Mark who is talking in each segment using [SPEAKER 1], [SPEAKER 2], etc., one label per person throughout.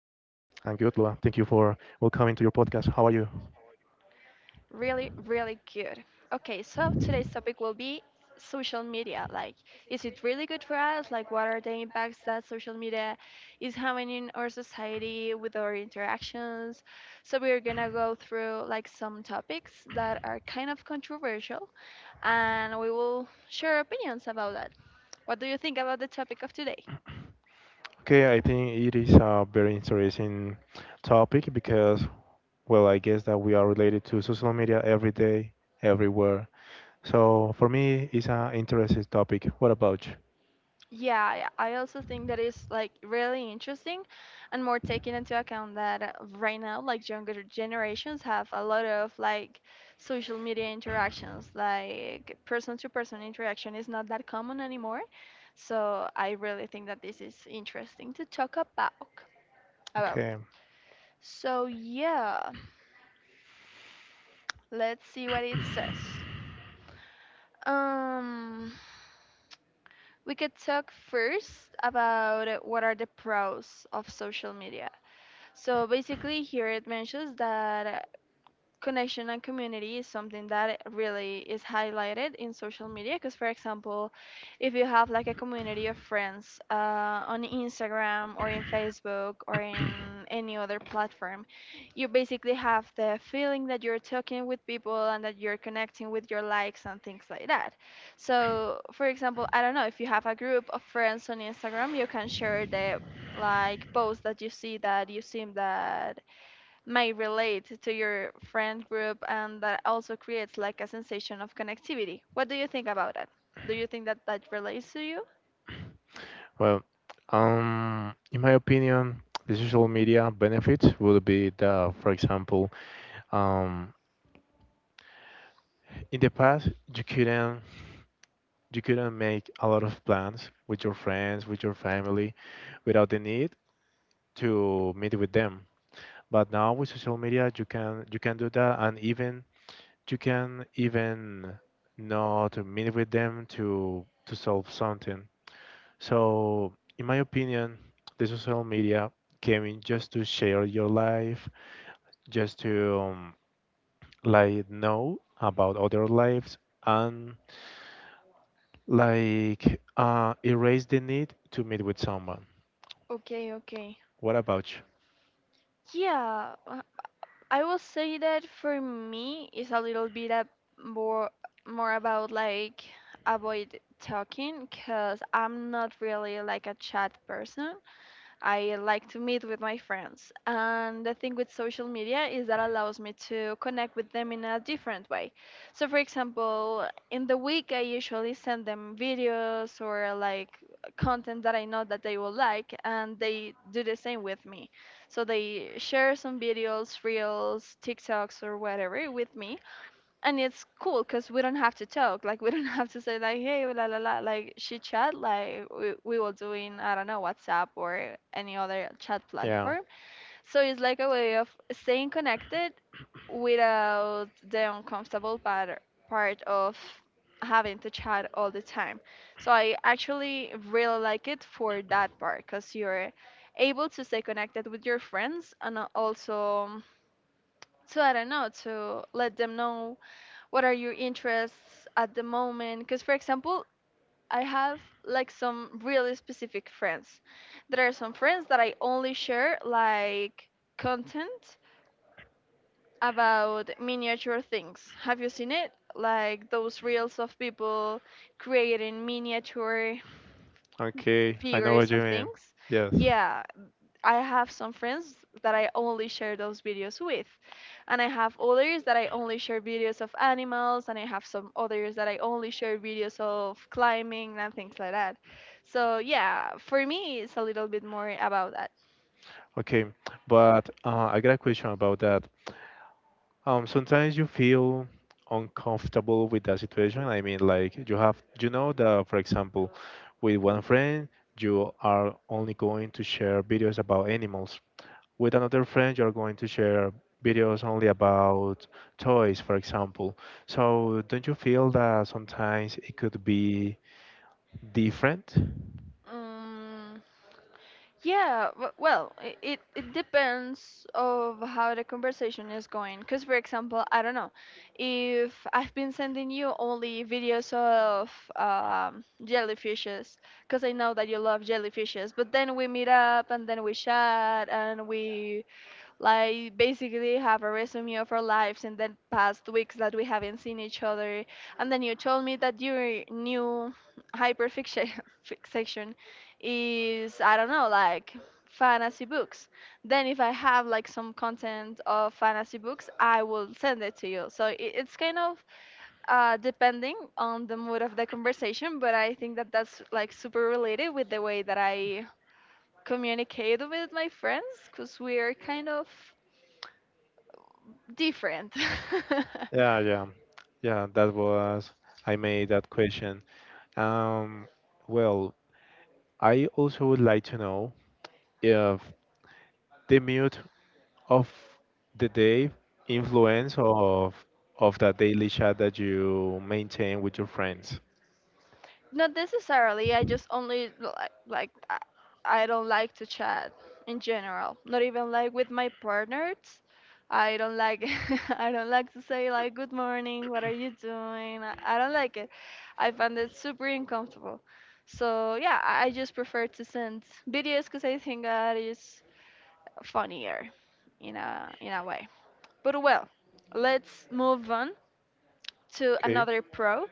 [SPEAKER 1] Thank you for welcoming to your podcast. How are you?
[SPEAKER 2] Really, really good. Okay, so today's topic will be social media. Like, is it really good for us? Like, what are the impacts that social media is having in our society with our interactions? So, we're gonna go through like some topics that are kind of controversial and we will share opinions about that. What do you think about the topic of today?
[SPEAKER 1] Okay, I think it is a very interesting topic because, I guess that we are related to social media every day, everywhere. So for me, it's an interesting topic. What about you?
[SPEAKER 2] Yeah, yeah, I also think that is like really interesting and more taking into account that right now like younger generations have a lot of like social media interactions, like person to person interaction is not that common anymore. So I really think that this is interesting to talk about.
[SPEAKER 1] Okay.
[SPEAKER 2] So yeah, let's see what it says. Um, we could talk first about what are the pros of social media. So basically, here it mentions that connection and community is something that really is highlighted in social media because, for example, if you have like a community of friends on Instagram or in Facebook or in any other platform, you basically have the feeling that you're talking with people and that you're connecting with your likes and things like that. So for example, I don't know, if you have a group of friends on Instagram, you can share the like posts that you see that you seem that may relate to your friend group, and that also creates like a sensation of connectivity. What do you think about that? Do you think that that relates to you?
[SPEAKER 1] Well, in my opinion, the social media benefits would be that, for example, um, in the past you couldn't make a lot of plans with your friends, with your family, without the need to meet with them. But now with social media, you can do that, and even you can even not meet with them to solve something. So, in my opinion, the social media came in just to share your life, just to like know about other lives and like erase the need to meet with someone.
[SPEAKER 2] Okay, okay.
[SPEAKER 1] What about you?
[SPEAKER 2] Yeah, I will say that for me it's a little bit a more more about like avoid talking because I'm not really like a chat person. I like to meet with my friends. And the thing with social media is that allows me to connect with them in a different way. So, for example, in the week, I usually send them videos or like content that I know that they will like, and they do the same with me. So, they share some videos, reels, TikToks, or whatever with me, and it's cool because we don't have to talk, like we don't have to say like hey la la la like she chat like we will do in, I don't know, WhatsApp or any other chat
[SPEAKER 1] Yeah.
[SPEAKER 2] platform. So it's like a way of staying connected without the uncomfortable part of having to chat all the time. So I actually really like it for that part because you're able to stay connected with your friends, and also, so I don't know, to let them know what are your interests at the moment, because for example I have like some really specific friends. There are some friends that I only share like content about miniature things. Have you seen it, like those reels of people creating miniature
[SPEAKER 1] Platform. Okay. I know what
[SPEAKER 2] figures
[SPEAKER 1] you
[SPEAKER 2] of
[SPEAKER 1] video mean.
[SPEAKER 2] things?
[SPEAKER 1] Calls. Yes.
[SPEAKER 2] Yeah, I have some friends that I only share those videos with, and I have others that I only share videos of animals, and I have some others that I only share videos of climbing and things like that. So yeah, for me, it's a little bit more about that.
[SPEAKER 1] Okay. But I got a question about that. Sometimes you feel uncomfortable with that situation. I mean, like you have, you know that, for example, with one friend, you are only going to share videos about animals. With another friend you're going to share videos only about toys, for example. So don't you feel that sometimes it could be different?
[SPEAKER 2] Mm. Yeah, well, it depends of how the conversation is going. Because, for example, I don't know, if I've been sending you only videos of, jellyfishes, because I know that you love jellyfishes, but then we meet up and then we chat and we like basically have a resume of our lives in the past weeks that we haven't seen each other, and then you told me that your new hyperfiction fiction is, I don't know, like fantasy books, then if I have like some content of fantasy books I will send it to you. So it's kind of, depending on the mood of the conversation, but I think that that's like super related with the way that I communicate with my friends, because we are kind of different.
[SPEAKER 1] Yeah, yeah, yeah, that was, I made that question. Um, well, I also would like to know if the mood of the day influence of that daily chat that you maintain with your friends.
[SPEAKER 2] Not necessarily. I just only like I don't like to chat in general. Not even like with my partners. I don't like I don't like to say like good morning, what are you doing? I don't like it. I find it super uncomfortable. So yeah, I just prefer to send videos because I think that is funnier in a way. But well, let's move on to
[SPEAKER 1] Okay.
[SPEAKER 2] another pro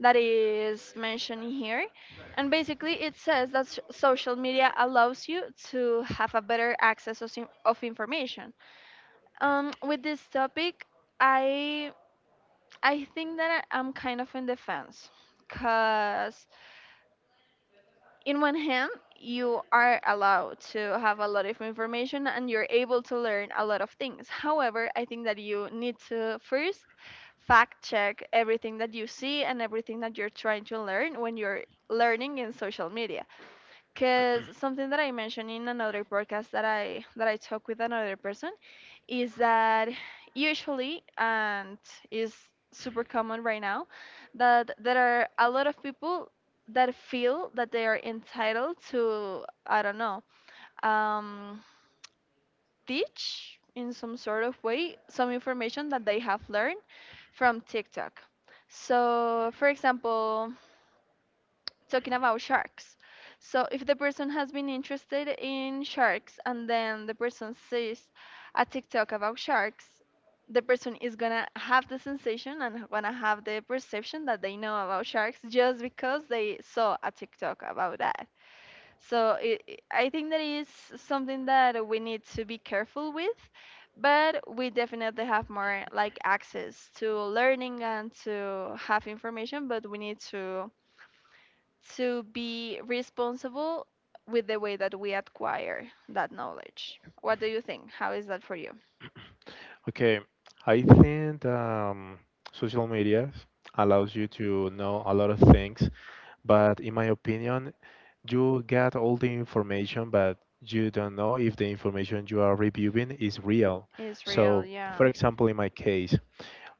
[SPEAKER 2] that is mentioned here. And basically, it says that social media allows you to have a better access of, of information. With this topic, I I think that, I'm kind of in defense, cause in one hand, you are allowed to have a lot of information and you're able to learn a lot of things. However, I think that you need to first fact check everything that you see and everything that you're trying to learn when you're learning in social media, because something that I mentioned in another podcast that I talked with another person is that, usually, and is super common right now, that there are a lot of people that feel that they are entitled to, I don't know, um, teach in some sort of way some information that they have learned from TikTok. So for example, talking about sharks. So if the person has been interested in sharks and then the person sees a TikTok about sharks, the person is gonna have the sensation and gonna have the perception that they know about sharks just because they saw a TikTok about that. So it, I think that is something that we need to be careful with, but we definitely have more like access to learning and to have information, but we need to be responsible with the way that we acquire that knowledge. What do you think? How is that for you?
[SPEAKER 1] Okay, I think social media allows you to know a lot of things, but in my opinion, you get all the information, but you don't know if the information you are reviewing is real.
[SPEAKER 2] Israel,
[SPEAKER 1] So,
[SPEAKER 2] yeah.
[SPEAKER 1] for example, in my case,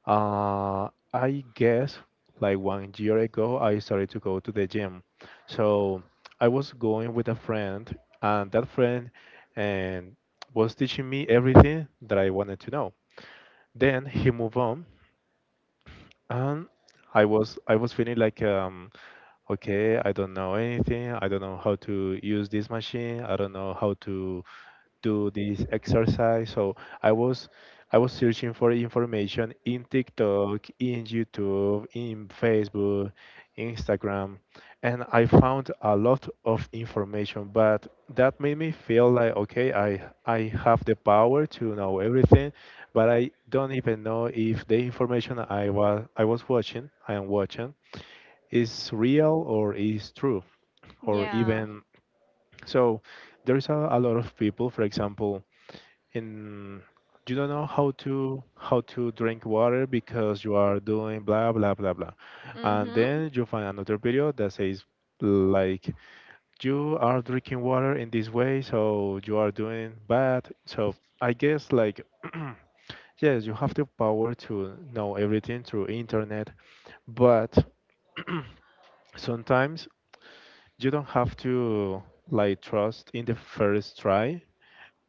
[SPEAKER 1] I guess like one year ago, I started to go to the gym. So, I was going with a friend, and that friend and was teaching me everything that I wanted to know. Then he moved on, and I was feeling like, okay, I don't know anything, I don't know how to use this machine, I don't know how to do this exercise. So I was I was searching for information in TikTok, in YouTube, in Facebook, Instagram, and I found a lot of information, but that made me feel like, okay, I have the power to know everything, but I don't even know if the information I was watching, I am watching, is real or is true. Or
[SPEAKER 2] Yeah.
[SPEAKER 1] even, so there's a lot of people, for example, and you don't know how to drink water because you are doing blah blah blah blah, and
[SPEAKER 2] Mhm.
[SPEAKER 1] then you find another video that says like, you are drinking water in this way so you are doing bad. So I guess like, yes, you have the power to know everything through internet, but sometimes you don't have to like trust in the first try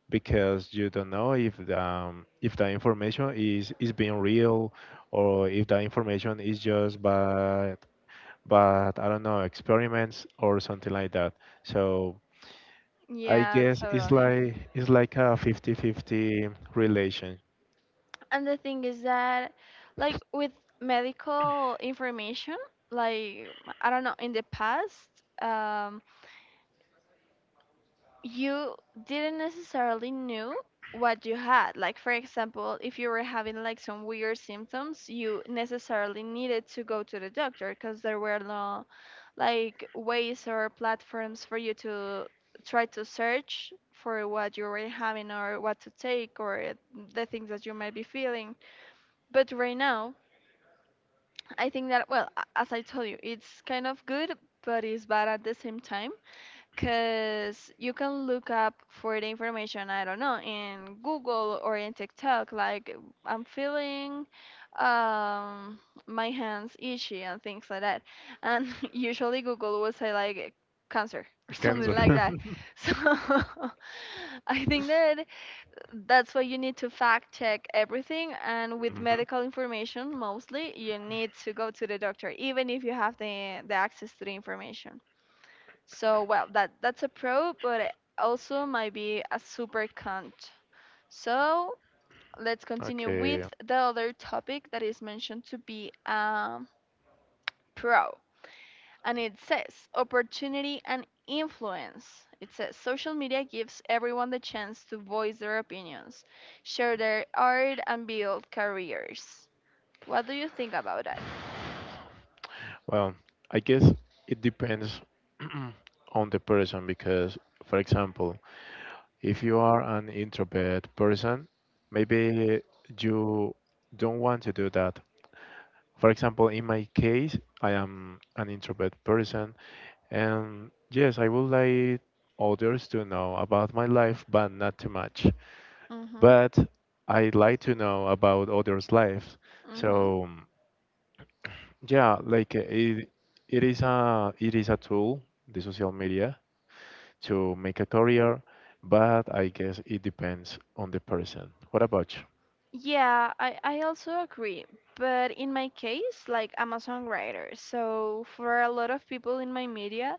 [SPEAKER 1] because you don't know if the information is being real, or if the information is just, but I don't know, experiments or something like that. So I
[SPEAKER 2] Yeah,
[SPEAKER 1] guess it's
[SPEAKER 2] totally.
[SPEAKER 1] like a 50-50 relation.
[SPEAKER 2] And the thing is that, like with medical information, like I don't know, in the past, um you didn't necessarily knew what you had. Like for example, if you were having like some weird symptoms, you necessarily needed to go to the doctor because there were no like ways or platforms for you to try to search for what you were having or what to take or the things that you might be feeling. But right now, I think that well, as I told you, it's kind of good but it's bad at the same time, because you can look up for the information, I don't know, in Google or in TikTok like, I'm feeling, um my hands itchy and things like that, and usually Google will say like cancer or something
[SPEAKER 1] Cancer.
[SPEAKER 2] like that. So I think that that's why you need to fact check everything, and with
[SPEAKER 1] Mhm.
[SPEAKER 2] medical information mostly you need to go to the doctor even if you have the access to the information. So well, that's a pro, but it also might be a super con. So let's continue
[SPEAKER 1] Okay.
[SPEAKER 2] with the other topic that is mentioned to be, pro, and it says opportunity and influence. It says social media gives everyone the chance to voice their opinions, share their art, and build careers. What do you think about that?
[SPEAKER 1] Well, I guess it depends on the person because, for example, if you are an introvert person, maybe you don't want to do that. For example, in my case, I am an introvert person, and yes, I would like others to know about my life, but not too much.
[SPEAKER 2] Mhm.
[SPEAKER 1] But I like to know about others' lives.
[SPEAKER 2] Mhm.
[SPEAKER 1] So yeah, like it is a tool, the social media, to make a career, but I guess it depends on the person. What about you?
[SPEAKER 2] Yeah, I also agree. But in my case, like I'm a songwriter, so for a lot of people in my media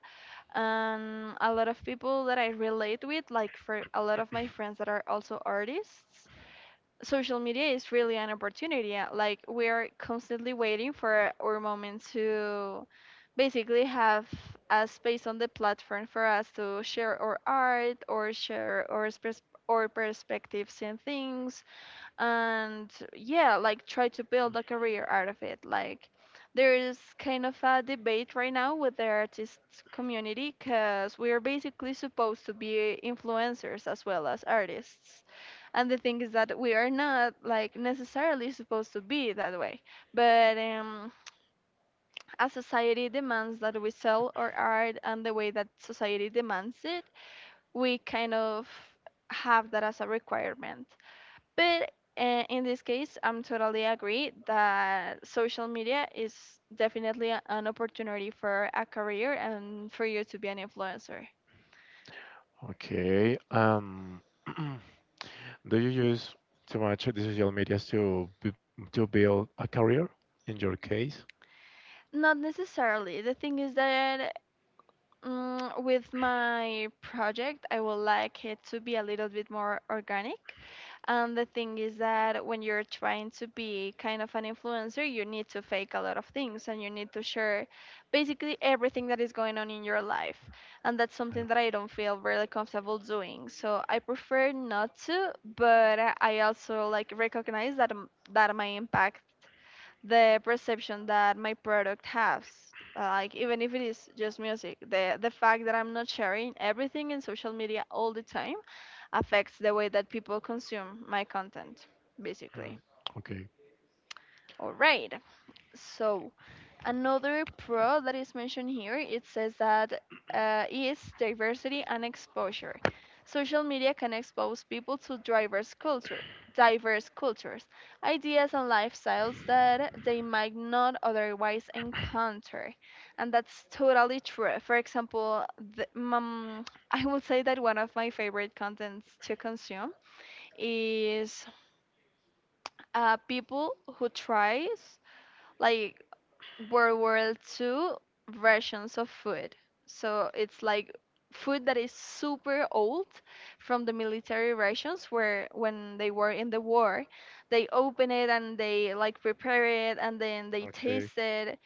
[SPEAKER 2] and a lot of people that I relate with, like for a lot of my friends that are also artists, social media is really an opportunity. Like we are constantly waiting for our moment to basically have a space on the platform for us to share our art or share our, our perspectives and things, and yeah, like try to build a career out of it. Like there is kind of a debate right now with the artist community, because we're basically supposed to be influencers as well as artists, and the thing is that we are not like necessarily supposed to be that way, but as society demands that we sell our art and the way that society demands it, we kind of have that as a requirement. But in this case, I'm totally agree that social media is definitely an opportunity for a career and for you to be an influencer.
[SPEAKER 1] Okay. Do you use too much the social medias to to build a career in your case?
[SPEAKER 2] Not necessarily. The thing is that, Mm, with my project, I would like it to be a little bit more organic. And the thing is that when you're trying to be kind of an influencer, you need to fake a lot of things and you need to share basically everything that is going on in your life. And that's
[SPEAKER 1] Yeah.
[SPEAKER 2] something that I don't feel really comfortable doing. So I prefer not to, but I also like recognize that my impact, the perception that my product has, like even if it is just music, the fact that I'm not sharing everything in social media all the time affects the way that people consume my content basically.
[SPEAKER 1] Mm, okay.
[SPEAKER 2] All right. So, another pro that is mentioned here, it says that is diversity and exposure. Social media can expose people to diverse cultures, ideas and lifestyles that they might not otherwise encounter, and that's totally true. For example, the, um, I would say that one of my favorite contents to consume is people who tries, like, World War Two versions of food. So it's like food that is super old from the military rations where when they were in the war, they open it and they like prepare it and then they
[SPEAKER 1] Okay.
[SPEAKER 2] taste it.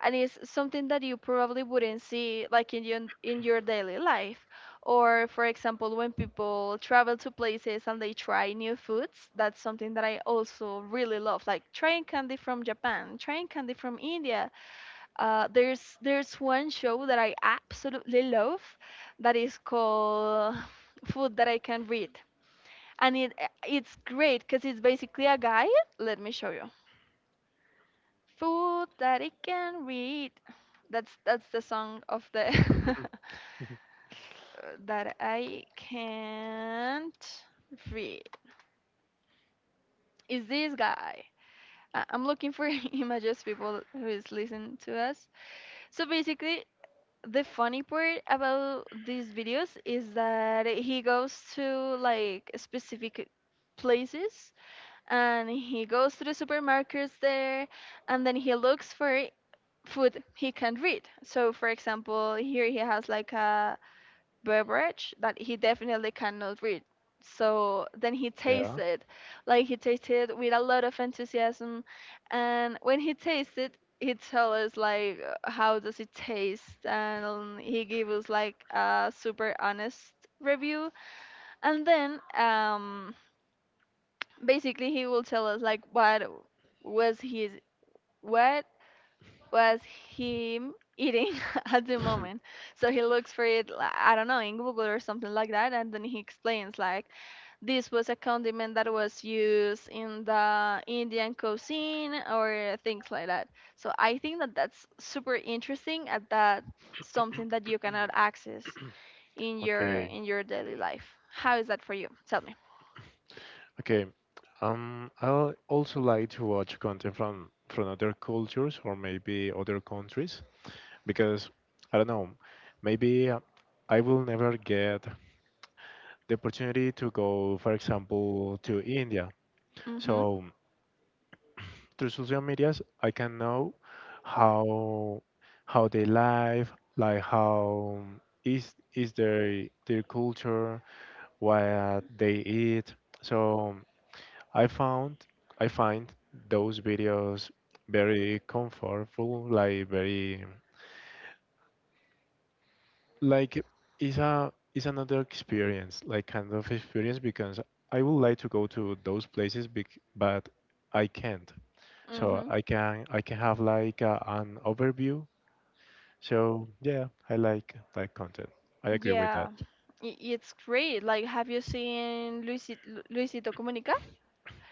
[SPEAKER 2] And it's something that you probably wouldn't see like in your daily life. Or for example, when people travel to places and they try new foods, that's something that I also really love. Like trying candy from Japan, trying candy from India. There's one show that I absolutely love that is called Food That I Can Read. And it's great because it's basically a guy. Let me show you. Food that I can read. That's the song of the that I can't read. Is this guy? I'm looking for images, people who is listening to us. So basically, the funny part about these videos is that he goes to like specific places, and he goes to the supermarkets there, and then he looks for food he can read. So for example, here he has like a beverage that he definitely cannot read. So then he
[SPEAKER 1] Yeah.
[SPEAKER 2] tasted, like he tasted with a lot of enthusiasm, and when he tasted, he tell us like how does it taste, and he gave us like a super honest review, and then basically he will tell us like was his what was him eating at the moment. So he looks for it, I don't know, in Google or something like that, and then he explains like this was a condiment that was used in the Indian cuisine or things like that. So I think that that's super interesting, and that's something that you cannot access in your
[SPEAKER 1] Okay.
[SPEAKER 2] in your daily life. How is that for you? Tell me.
[SPEAKER 1] Okay. I also like to watch content from other cultures or maybe other countries because I don't know, maybe I will never get the opportunity to go, for example, to India.
[SPEAKER 2] Mhm.
[SPEAKER 1] So through social medias, I can know how how they live, like how is their culture, what they eat. So I found I find those videos very comfortable, like very like it's a it's another experience, like kind of experience because I would like to go to those places, but I can't. So
[SPEAKER 2] Mhm.
[SPEAKER 1] I can have like an overview. So yeah, I like that content. I agree with that.
[SPEAKER 2] Yeah, it's great. Like, have you seen Luisito Comunica?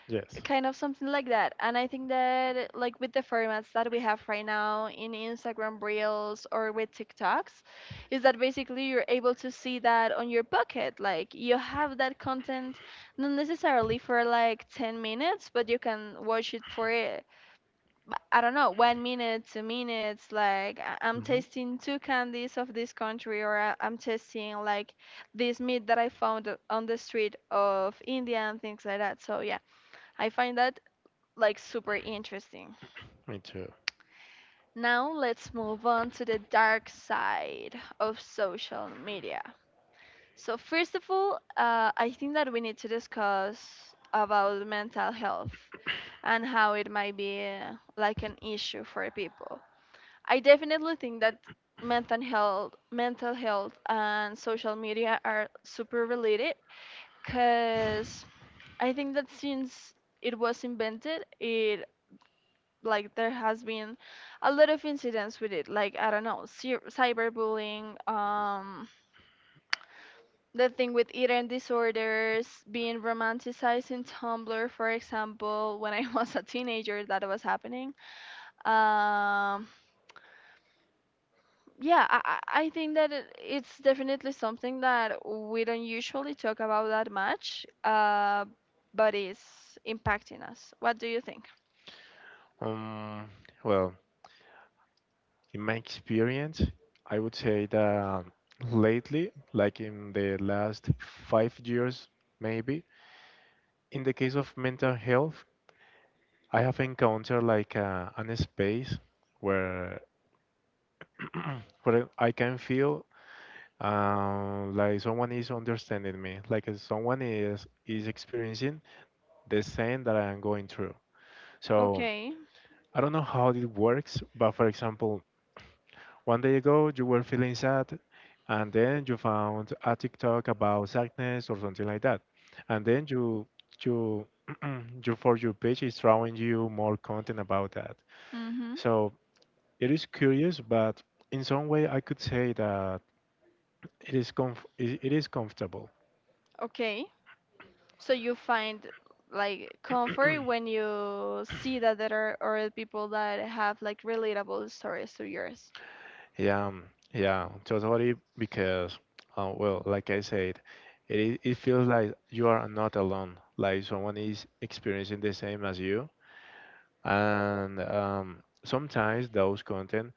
[SPEAKER 1] Yes.
[SPEAKER 2] Kind of something like that. And I think that, like, with the formats that we have right now in Instagram Reels or with TikToks, is that basically you're able to see that on your bucket. Like, you have that content, not necessarily for like 10 minutes, but you can watch it for but I don't know, 1 minute, 2 minutes. Like I'm
[SPEAKER 1] Hmm.
[SPEAKER 2] tasting two candies of this country, or I'm tasting like this meat that I found on the street of India and things like that. So yeah, I find that like super interesting.
[SPEAKER 1] Me too.
[SPEAKER 2] Now let's move on to the dark side of social media. So first of all, I think that we need to discuss about mental health and how it might be like an issue for people. I definitely think that mental health and social media are super related, because I think that since it was invented, it like there has been a lot of incidents with it. Like I don't know, cyberbullying, the thing with eating disorders, being romanticized in Tumblr, for example, when I was a teenager, that was happening. Um, yeah, I think that it's definitely something that we don't usually talk about that much, but it's impacting us. What do you think?
[SPEAKER 1] Um. Well, in my experience, I would say that lately, like in the last 5 years, maybe, in the case of mental health, I have encountered like an space where where I can feel like someone is understanding me, like someone is experiencing the same that I am going through. So
[SPEAKER 2] Okay.
[SPEAKER 1] I don't know how it works, but for example, one day ago, you were feeling sad, and then you found a TikTok about sadness or something like that, and then you you, for your page is showing you more content about that.
[SPEAKER 2] Mm-hmm.
[SPEAKER 1] So it is curious, but in some way, I could say that it is it is comfortable.
[SPEAKER 2] Okay. So you find like comfort when you see that there are other people that have like relatable stories to yours.
[SPEAKER 1] Yeah, yeah, totally. Because, like I said, it feels like you are not alone. Like someone is experiencing the same as you, and sometimes those content,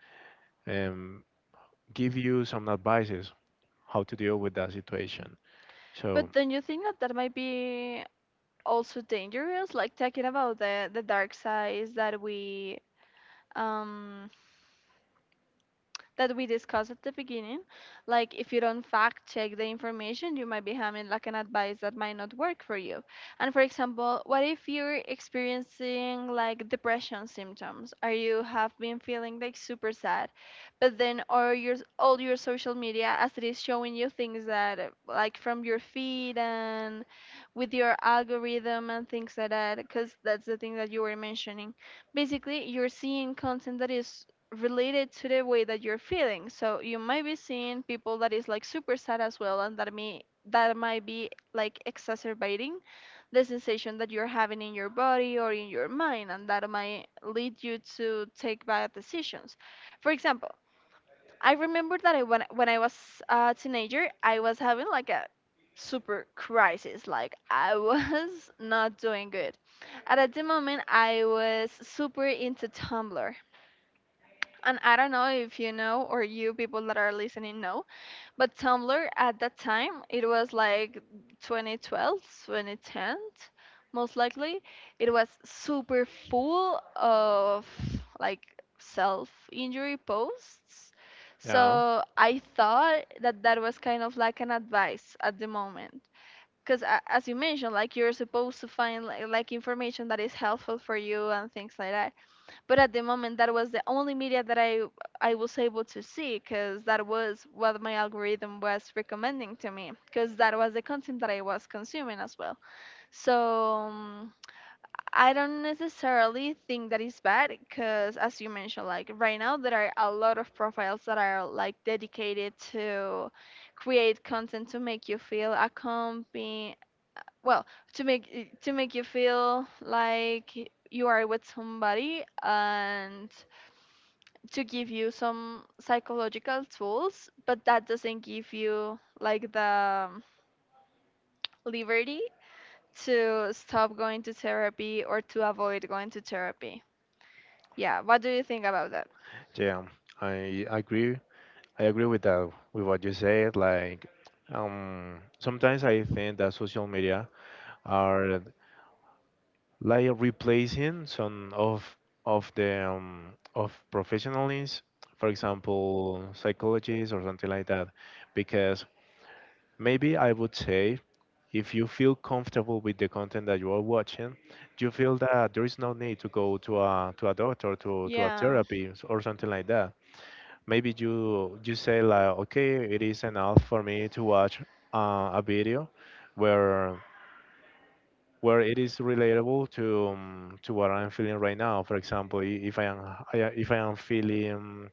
[SPEAKER 1] um, give you some advices how to deal with that situation. So
[SPEAKER 2] But don't you think that that might be also dangerous? Like talking about the dark sides that um we discussed at the beginning. Like, if you don't fact check the information, you might be having like an advice that might not work for you. And for example, what if you're experiencing like depression symptoms? Or you have been feeling like super sad, but then or your all your social media as it is showing you things that like from your feed and with your algorithm and things like that, because that's the thing that you were mentioning, basically you're seeing content that is related to the way that you're feeling. So you might be seeing people that is like super sad as well, and that might be like exacerbating the sensation that you're having in your body or in your mind, and that might lead you to take bad decisions. For example, I remember that I, when I was a teenager, I was having like a super crisis, like I was not doing good, and at the moment I was super into Tumblr. And I don't know if you know, or you people that are listening know, but Tumblr at that time it was like 2012, 2010, most likely. It was super full of like self-injury posts.
[SPEAKER 1] yeah,
[SPEAKER 2] So I thought that that was kind of like an advice at the moment. Because as you mentioned, like you're supposed to find like, information that is helpful for you and things like that, but at the moment that was the only media that I was able to see because that was what my algorithm was recommending to me because that was the content that I was consuming as well. So um, I don't necessarily think that is bad because, as you mentioned, like right now there are a lot of profiles that are like dedicated to create content to make you feel accompanied. Well, to make you feel like you are with somebody and to give you some psychological tools, but that doesn't give you like the liberty to stop going to therapy or to avoid going to therapy. Yeah, what do you think about that?
[SPEAKER 1] yeah, I agree. I agree with that with what you said. Like sometimes I think that social media are like replacing some of the of professionals, for example, psychologists or something like that, because maybe I would say if you feel comfortable with the content that you are watching, you feel that there is no need to go to a doctor to a
[SPEAKER 2] Yeah.
[SPEAKER 1] therapy or something like that. Maybe you say like, okay, it is enough for me to watch a video where it is relatable to what I'm feeling right now. For example, if I am feeling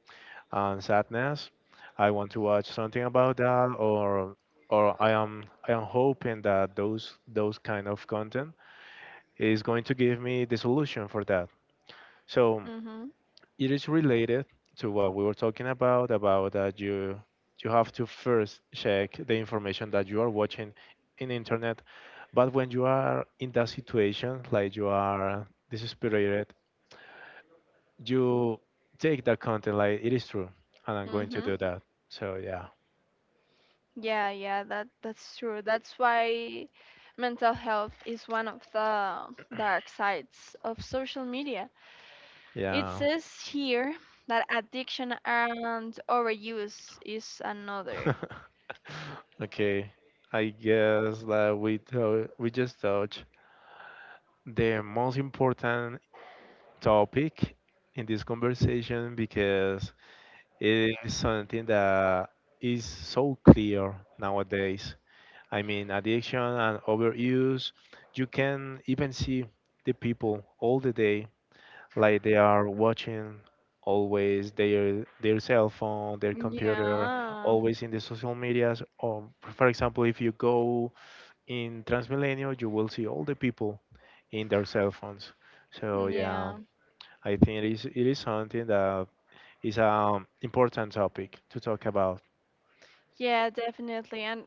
[SPEAKER 1] sadness, I want to watch something about that, or I am hoping that those kind of content is going to give me the solution for that. So
[SPEAKER 2] Mhm.
[SPEAKER 1] it is related to what we were talking about that you have to first check the information that you are watching in internet, but when you are in that situation, like you are desperate, you take that content like it is true, and I'm going to
[SPEAKER 2] Mhm.
[SPEAKER 1] do that. So yeah.
[SPEAKER 2] Yeah, yeah, that's true. That's why mental health is one of the dark sides of social media. It
[SPEAKER 1] Yeah.
[SPEAKER 2] says here that addiction and overuse is another.
[SPEAKER 1] Okay, I guess that we just touched the most important topic in this conversation because it is something that is so clear nowadays. I mean, addiction and overuse, you can even see the people all the day, like they are watching always their cell phone, their computer,
[SPEAKER 2] Yeah,
[SPEAKER 1] always in the social medias. Or, for example, if you go in Transmilenio, you will see all the people in their cell phones. So yeah,
[SPEAKER 2] yeah,
[SPEAKER 1] I think it is something that is an important topic to talk about.
[SPEAKER 2] yeah, definitely. And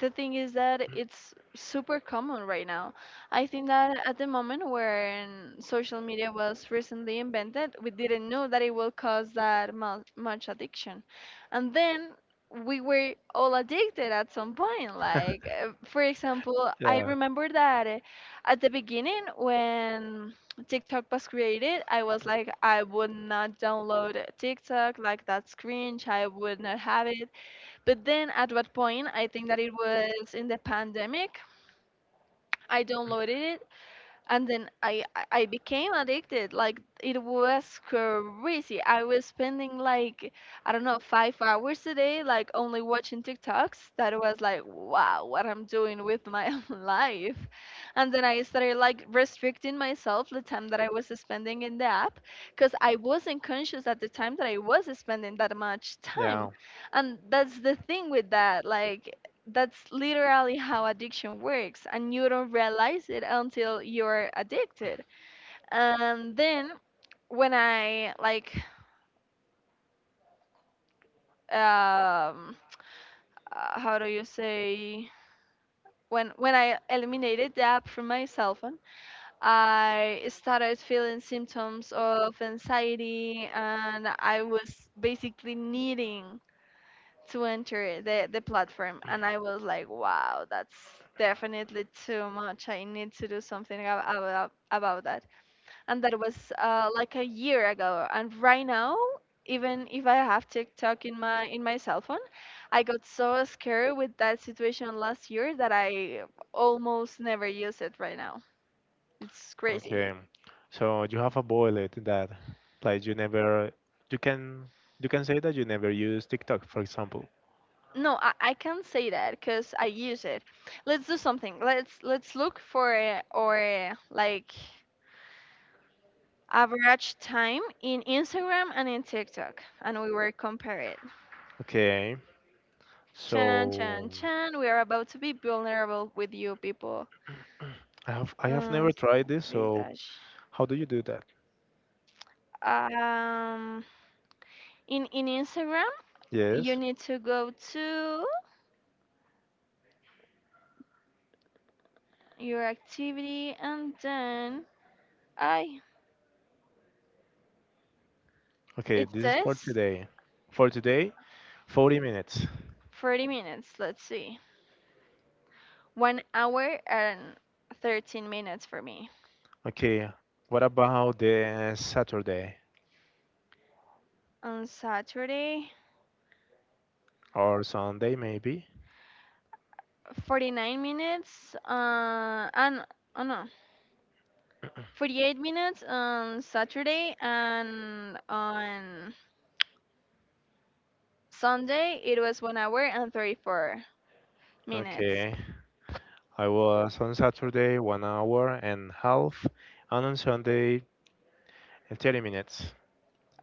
[SPEAKER 2] the thing is that it's super common right now. I think that at the moment when social media was recently invented, we didn't know that it will cause that much addiction. And then we were all addicted at some point. Like, for example, I
[SPEAKER 1] Yeah,
[SPEAKER 2] remember that at the beginning when TikTok was created, I was like, I would not download TikTok, like that's cringe, I would not have it. But then at what point, I think that it was in the pandemic, I downloaded it, and then I became addicted. Like it was crazy. I was spending like, I don't know, 5 hours a day, like only watching TikToks. That was like, wow, what I'm doing with my life. And then I started like restricting myself the time that I was spending in the app, because I wasn't conscious at the time that I was spending that much time,
[SPEAKER 1] yeah.
[SPEAKER 2] and that's the thing with that, like that's literally how addiction works, and you don't realize it until you're addicted. And then when I like, um how do you say, when I eliminated the app from my cell phone, I started feeling symptoms of anxiety and I was basically needing to enter the platform. And I was like, wow, that's definitely too much. I need to do something about that. And that was like a year ago. And right now, even if I have TikTok in my cell phone, I got so scared with that situation last year that I almost never use it right now. It's crazy.
[SPEAKER 1] Okay. So you have a bullet that like you never you can you can say that you never use TikTok, for example.
[SPEAKER 2] No, I can't say that because I use it. Let's do something. Let's look for like, average time in Instagram and in TikTok, and we were compared.
[SPEAKER 1] Okay.
[SPEAKER 2] Chan,
[SPEAKER 1] So
[SPEAKER 2] chan, chan. We are about to be vulnerable with you people.
[SPEAKER 1] I have
[SPEAKER 2] Uh,
[SPEAKER 1] never tried this,
[SPEAKER 2] three
[SPEAKER 1] so
[SPEAKER 2] dash.
[SPEAKER 1] how do you do that?
[SPEAKER 2] Um, in Instagram, you
[SPEAKER 1] Yes.
[SPEAKER 2] need to go to your activity, and then I.
[SPEAKER 1] Okay,
[SPEAKER 2] It
[SPEAKER 1] this is for
[SPEAKER 2] says
[SPEAKER 1] today. For today, 40 minutes.
[SPEAKER 2] 40 minutes. Let's see, 1 hour and 13 minutes for me
[SPEAKER 1] Okay, what about the Saturday
[SPEAKER 2] on Saturday.
[SPEAKER 1] or Sunday maybe?
[SPEAKER 2] 49 minutes and, oh no, 48 minutes on Saturday, and on Sunday it was 1 hour and 34 minutes.
[SPEAKER 1] Okay, I was on Saturday one hour and half, and on Sunday 30 minutes.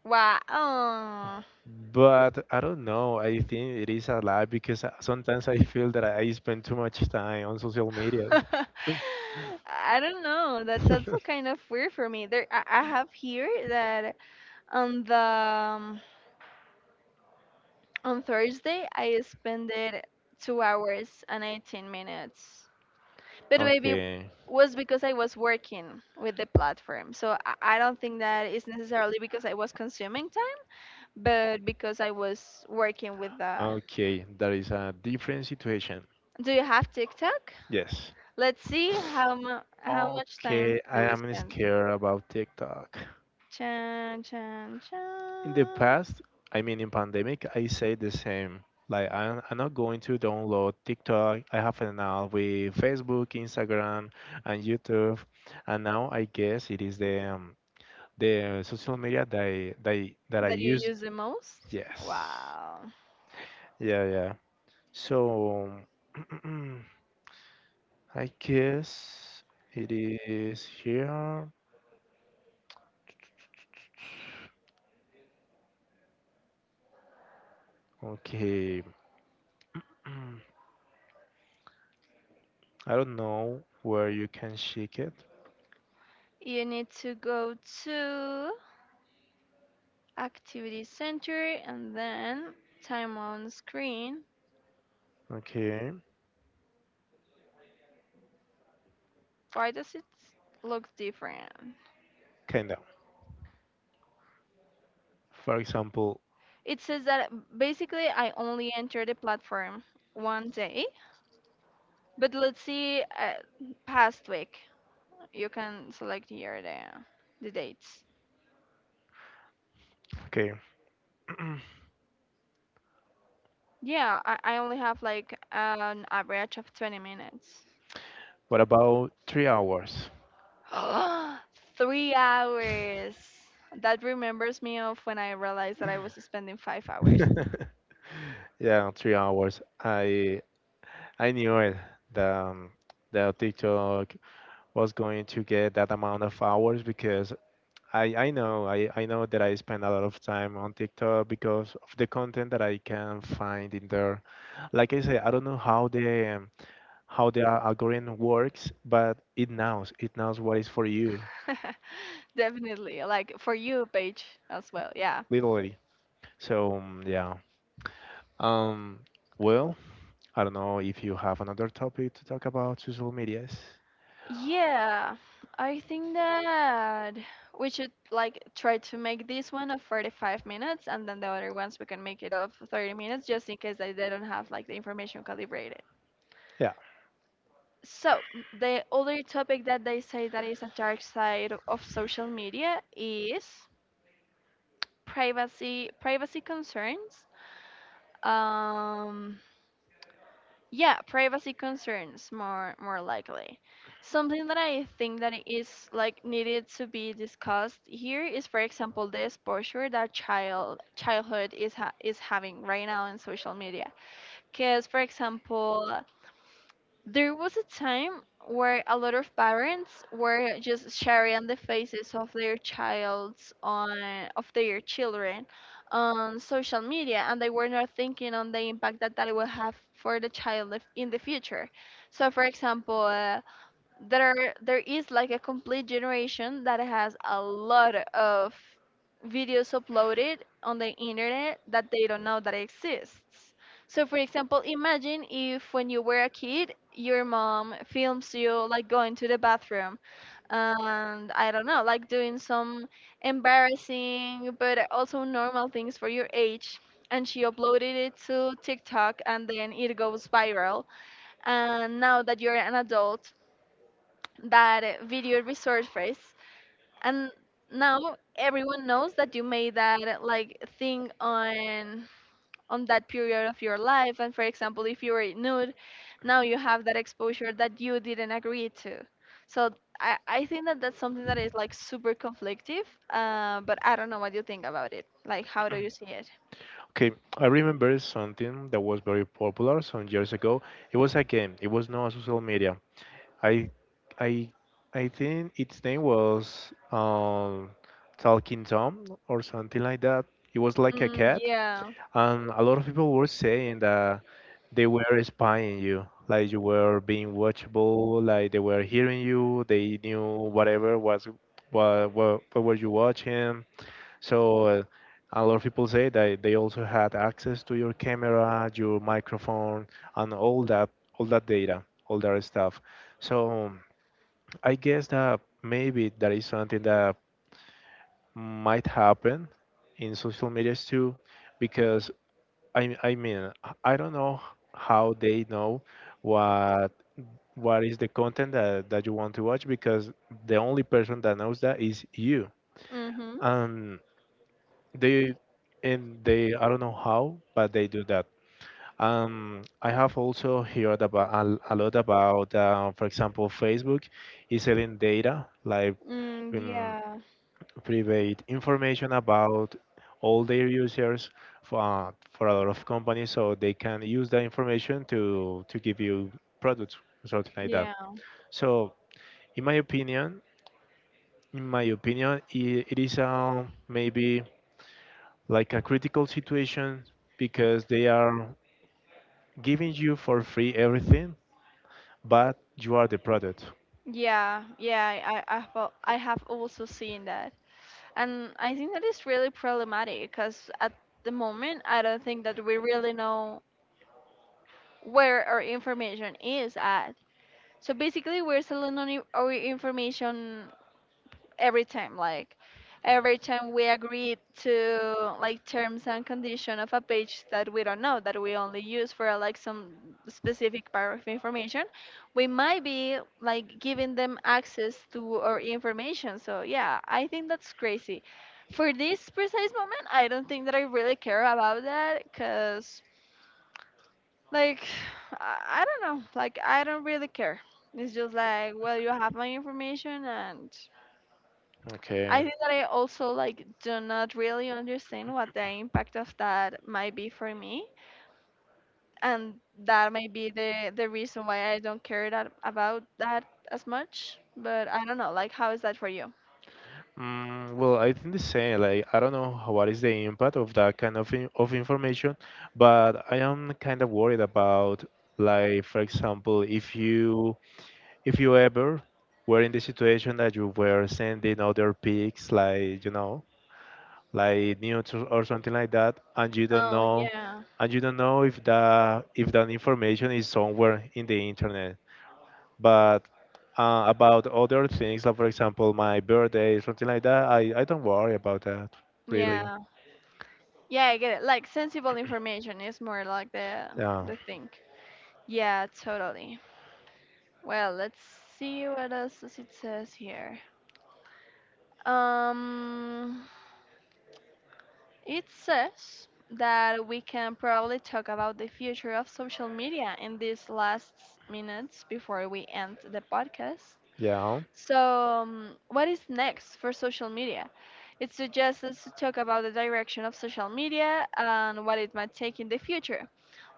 [SPEAKER 2] Wow.
[SPEAKER 1] But I don't know, I think it is a lie because sometimes I feel that I spend too much time on social media.
[SPEAKER 2] I don't know. That's also kind of weird for me. There, I have here that on the um, on Thursday I spent it 2 hours and 18 minutes. But maybe
[SPEAKER 1] Okay,
[SPEAKER 2] was because I was working with the platform. So I don't think that it's necessarily because I was consuming time, but because I was working with the.
[SPEAKER 1] okay, that is a different situation.
[SPEAKER 2] Do you have TikTok?
[SPEAKER 1] Yes.
[SPEAKER 2] Let's see how much time
[SPEAKER 1] Okay,
[SPEAKER 2] do
[SPEAKER 1] I
[SPEAKER 2] we
[SPEAKER 1] am
[SPEAKER 2] spend.
[SPEAKER 1] scared about TikTok.
[SPEAKER 2] Chan chan
[SPEAKER 1] In the
[SPEAKER 2] chan.
[SPEAKER 1] past, I mean, in pandemic, I say the same. Like, I'm not going to download TikTok. I have an app with Facebook, Instagram, and YouTube. And now I guess it is the social media that that I
[SPEAKER 2] That you
[SPEAKER 1] used.
[SPEAKER 2] use the most?
[SPEAKER 1] Yes.
[SPEAKER 2] Wow.
[SPEAKER 1] Yeah, yeah. So, I guess it is here. Okay. I don't know where you can shake it.
[SPEAKER 2] You need to go to activity center and then time on screen.
[SPEAKER 1] Okay,
[SPEAKER 2] Why does it look different?
[SPEAKER 1] kinda. For example,
[SPEAKER 2] It says that basically I only entered the platform 1 day, but let's see past week. You can select here the dates.
[SPEAKER 1] okay,
[SPEAKER 2] Yeah, I only have like an average of 20 minutes.
[SPEAKER 1] what about 3 hours?
[SPEAKER 2] 3 hours. That remembers me of when I realized that I was spending 5 hours.
[SPEAKER 1] Yeah, 3 hours. I knew it. The um, the TikTok was going to get that amount of hours because I know that I spend a lot of time on TikTok because of the content that I can find in there. Like I say, I don't know how the algorithm works, but it knows what is for you,
[SPEAKER 2] Definitely. Like for you, Paige, as well. Yeah.
[SPEAKER 1] literally. So mm, yeah. Um. Well, I don't know if you have another topic to talk about social medias.
[SPEAKER 2] Yeah, I think that we should like try to make this one of 45 minutes and then the other ones we can make it of 30 minutes just in case I didn't have like the information calibrated.
[SPEAKER 1] Yeah.
[SPEAKER 2] So, the other topic that they say that is a dark side of social media is privacy concerns. Um Yeah, privacy concerns, more likely. Something that I think that is like needed to be discussed here is, for example, the exposure that childhood is having right now in social media. Because, for example, there was a time where a lot of parents were just sharing the faces of their childs on of their children on social media, and they were not thinking on the impact that it will have for the child in the future. So for example, there there is like a complete generation that has a lot of videos uploaded on the internet that they don't know that exists. So for example, imagine if when you were a kid, your mom films you like going to the bathroom, and I don't know, like doing some embarrassing but also normal things for your age. And she uploaded it to TikTok and then it goes viral. And now that you're an adult, that video resource phrase, and now everyone knows that you made that like thing on that period of your life. And for example, if you were nude, now you have that exposure that you didn't agree to. So I think that that's something that is like super conflictive, but I don't know what you think about it. Like, how do you see it?
[SPEAKER 1] Okay. I remember something that was very popular some years ago. It was a game. It was not a social media. I, I, I think its name was Talking Tom or something like that. It was like a cat.
[SPEAKER 2] Yeah.
[SPEAKER 1] And a lot of people were saying that they were spying you, like you were being watchable, like they were hearing you, they knew whatever was, what were you watching. So a lot of people say that they also had access to your camera, your microphone, and all that data, all that stuff. So I guess that maybe that is something that might happen in social medias too, because I mean, I don't know how they know what what is the content that you want to watch, because the only person that knows that is you.
[SPEAKER 2] Mm-hmm.
[SPEAKER 1] Um, they, and they, I don't know how, but they do that. I have also heard about a lot about, for example, Facebook is selling data, like
[SPEAKER 2] mm,
[SPEAKER 1] um, private information about all their users for a lot of companies, so they can use that information to give you products or something like that.
[SPEAKER 2] yeah.
[SPEAKER 1] So in my opinion in my opinion it is maybe like a critical situation, because they are giving you for free everything, but you are the product.
[SPEAKER 2] Yeah, yeah, I, I have also seen that, and I think that is really problematic, because at the moment I don't think that we really know where our information is at. So basically, we're selling only our information every time, like every time we agree to like terms and condition of a page that we don't know, that we only use for like some specific part of information, we might be like giving them access to our information. So yeah, I think that's crazy. For this precise moment I don't think that I really care about that, because like, I don't know, like I don't really care. It's just like, well, you have my information. And I
[SPEAKER 1] Okay.
[SPEAKER 2] think that I also like do not really understand what the impact of that might be for me, and that might be the reason why I don't care that about that as much. But I don't know, like how is that for you?
[SPEAKER 1] Mm, well, I think the same. Like, I don't know how, what is the impact of that kind of in of information, but I am kind of worried about, like, for example, if you, if you ever were in the situation that you were sending other pics, like, you know, like news or something like that, and you don't
[SPEAKER 2] Oh
[SPEAKER 1] know,
[SPEAKER 2] yeah,
[SPEAKER 1] and you don't know if that, if that information is somewhere in the internet. But about other things, like for example, my birthday, something like that, I don't worry about that, really.
[SPEAKER 2] yeah, yeah. I get it. Like sensible information is more like
[SPEAKER 1] Yeah,
[SPEAKER 2] the thing. Yeah, totally. Well, let's see what else does it says here. Um. It says that we can probably talk about the future of social media in these last minutes before we end the podcast.
[SPEAKER 1] yeah.
[SPEAKER 2] So, what is next for social media? It suggests us to talk about the direction of social media and what it might take in the future.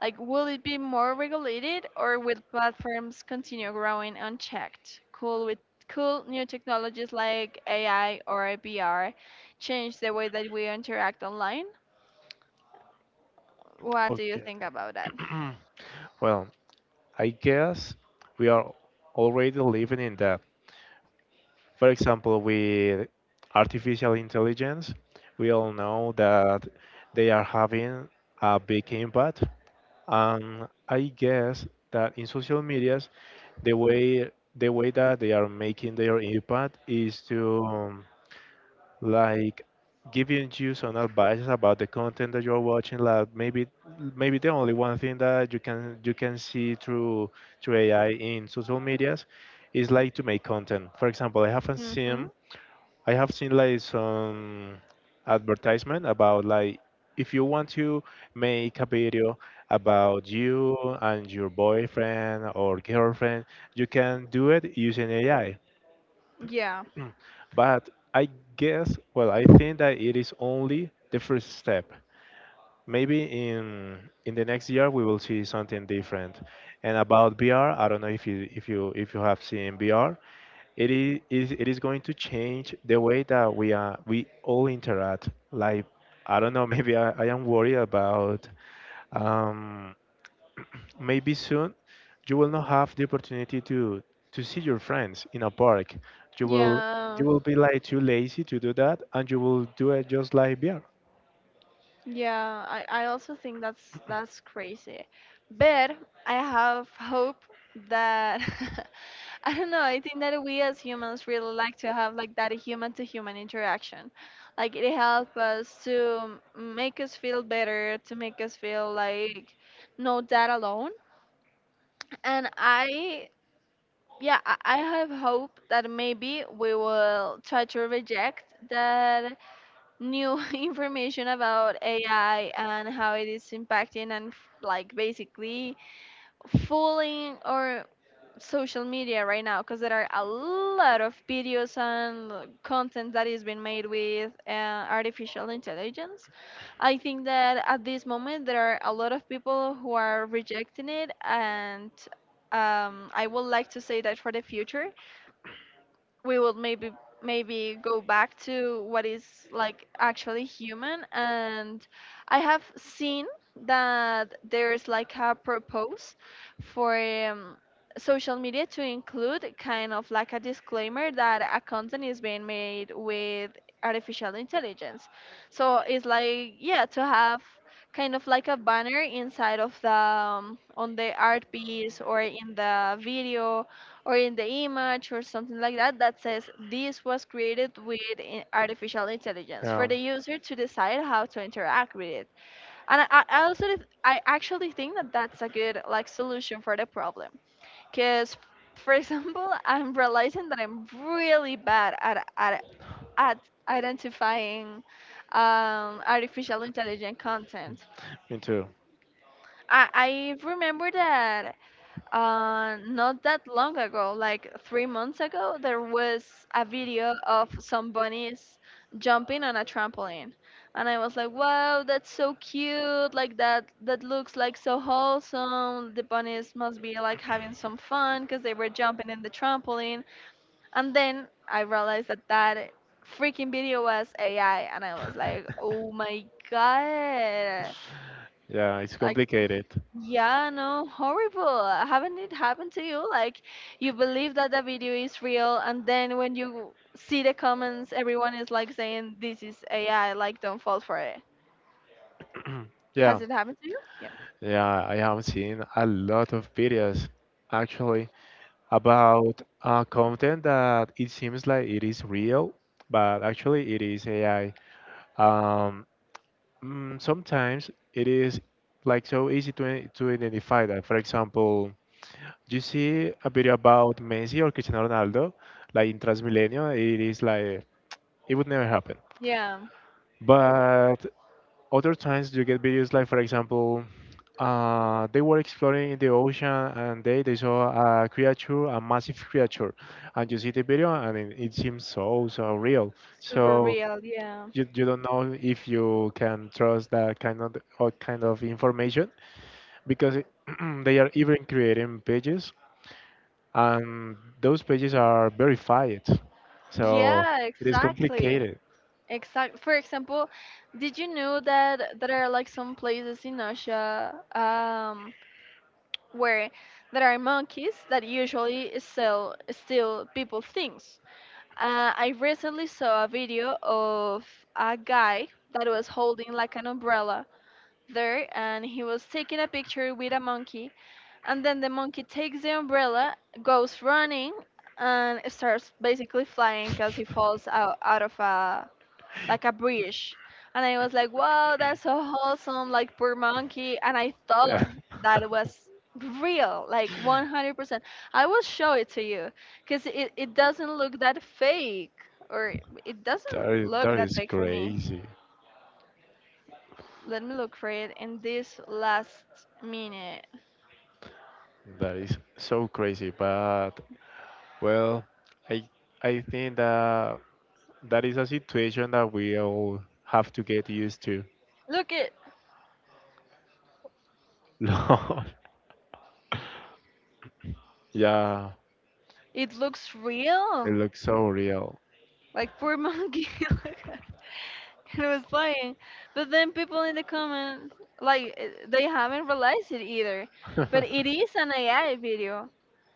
[SPEAKER 2] Like, will it be more regulated, or will platforms continue growing unchecked? Cool with cool new technologies like AI or VR, change the way that we interact online? What do you
[SPEAKER 1] Okay.
[SPEAKER 2] think about that?
[SPEAKER 1] Well, I guess we are already living in that. For example, with artificial intelligence, we all know that they are having a big impact. And I guess that in social media, the way that they are making their impact is to like giving you some advice about the content that you're watching, like maybe, maybe the only one thing that you can, you can see through, through AI in social medias is like to make content. For example, I haven't
[SPEAKER 2] Mhm.
[SPEAKER 1] seen I have seen like some advertisement about, like, if you want to make a video about you and your boyfriend or girlfriend, you can do it using AI.
[SPEAKER 2] Yeah.
[SPEAKER 1] But I guess, well, I think that it is only the first step. Maybe in the next year we will see something different. And about VR, I don't know if you, if you have seen VR, it it is going to change the way that we are, we all interact, like, I don't know. Maybe I am worried about, um, maybe soon you will not have the opportunity to see your friends in a park. You will,
[SPEAKER 2] Yeah.
[SPEAKER 1] you will be like too lazy to do that, and you will do it just like beer.
[SPEAKER 2] Yeah, I also think that's crazy. But I have hope that, I don't know, I think that we as humans really like to have like that human to human interaction. Like it helps us to make us feel better, to make us feel like not that alone. And I, yeah, I have hope that maybe we will try to reject that new information about AI and how it is impacting and like basically fooling or social media right now, because there are a lot of videos and content that is being made with artificial intelligence. I think that at this moment there are a lot of people who are rejecting it. And I would like to say that for the future we will maybe maybe go back to what is like actually human. And I have seen that there's like a propose for um, social media to include kind of like a disclaimer that a content is being made with artificial intelligence. So it's like, yeah, to have kind of like a banner inside of the on the art piece or in the video or in the image or something like that, that says this was created with artificial intelligence, for
[SPEAKER 1] Yeah.
[SPEAKER 2] the user to decide how to interact with it. And I, I actually think that that's a good like solution for the problem, because for example I'm realizing that I'm really bad at at identifying artificial intelligent content.
[SPEAKER 1] Me too.
[SPEAKER 2] I remember that not that long ago, like 3 months ago, there was a video of some bunnies jumping on a trampoline, and I was like, "Wow, that's so cute! Like that, that looks like so wholesome. The bunnies must be like having some fun because they were jumping in the trampoline." And then I realized that that freaking video was AI, and I was like, "Oh my god!"
[SPEAKER 1] Yeah, it's
[SPEAKER 2] I,
[SPEAKER 1] complicated.
[SPEAKER 2] yeah, no, horrible. Haven't it happened to you? Like, you believe that the video is real, and then when you see the comments, everyone is like saying, this is AI, like, don't fall for it.
[SPEAKER 1] Yeah,
[SPEAKER 2] Has it happened to you? Yeah.
[SPEAKER 1] yeah, I have seen a lot of videos actually about content that it seems like it is real, but actually it is AI. Um, sometimes it is like so easy to identify that. For example, you see a video about Messi or Cristiano Ronaldo, like in Transmilenio, it is like, it would never happen.
[SPEAKER 2] Yeah,
[SPEAKER 1] But other times you get videos like, for example, they were exploring in the ocean and they saw a creature, a massive creature, and you see the video and it seems so, so real.
[SPEAKER 2] super
[SPEAKER 1] So
[SPEAKER 2] real, yeah.
[SPEAKER 1] you don't know if you can trust that kind of, or kind of information, because it- they are even creating pages, and those pages are verified. So
[SPEAKER 2] Yeah,
[SPEAKER 1] it is
[SPEAKER 2] exactly.
[SPEAKER 1] complicated.
[SPEAKER 2] Exact. For example, did you know that there are like some places in Asia, where there are monkeys that usually sell steal people things? I recently saw a video of a guy that was holding like an umbrella there, and he was taking a picture with a monkey. And then the monkey takes the umbrella, goes running, and starts basically flying because he falls out of a like a bridge. And I was like, wow, that's so wholesome, like poor monkey. And I
[SPEAKER 1] Yeah.
[SPEAKER 2] thought that was real, like 100%. I will show it to you because it doesn't look that fake, or it
[SPEAKER 1] That
[SPEAKER 2] doesn't
[SPEAKER 1] is,
[SPEAKER 2] look
[SPEAKER 1] that
[SPEAKER 2] that
[SPEAKER 1] is
[SPEAKER 2] fake for me.
[SPEAKER 1] crazy.
[SPEAKER 2] Let me look for it in this last minute.
[SPEAKER 1] That is so crazy. But well, I I think that that is a situation that we all have to get used to.
[SPEAKER 2] Look it,
[SPEAKER 1] Lord, yeah,
[SPEAKER 2] it looks
[SPEAKER 1] it
[SPEAKER 2] real.
[SPEAKER 1] looks so real.
[SPEAKER 2] Like poor monkey. Look at- and it was playing. But then people in the comments, like eh, they haven't realized it either.
[SPEAKER 1] Yeah,
[SPEAKER 2] But it is an AI video.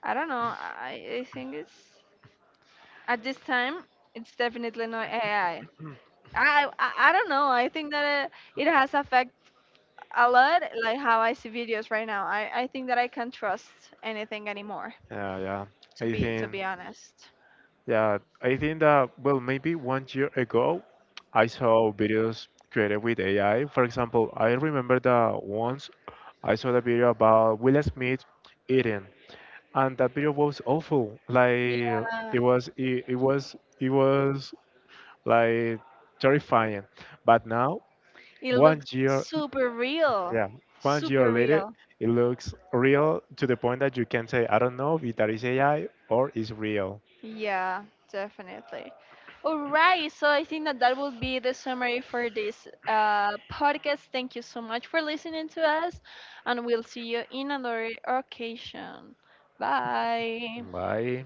[SPEAKER 2] I don't know. I think it's at this time it's definitely not AI. I I don't know. I think that it has affect a lot like how I see videos right now. I think that I can't trust anything anymore.
[SPEAKER 1] yeah. I
[SPEAKER 2] To
[SPEAKER 1] think.
[SPEAKER 2] be honest.
[SPEAKER 1] Yeah, I think that, well, maybe 1 year ago, I saw videos created with AI. For example, I remember that once I saw the video about Will Smith eating, and that video was awful. Like
[SPEAKER 2] Yeah.
[SPEAKER 1] it was, it, it was, it was like terrifying. But now,
[SPEAKER 2] It
[SPEAKER 1] one
[SPEAKER 2] looks
[SPEAKER 1] year,
[SPEAKER 2] super real.
[SPEAKER 1] yeah, 1 year
[SPEAKER 2] Super
[SPEAKER 1] later,
[SPEAKER 2] real.
[SPEAKER 1] it looks real to the point that you can say, I don't know if that is AI or is real.
[SPEAKER 2] Yeah, definitely. All right, so I think that that will be the summary for this podcast. Thank you so much for listening to us, and we'll see you in another occasion. Bye.
[SPEAKER 1] Bye.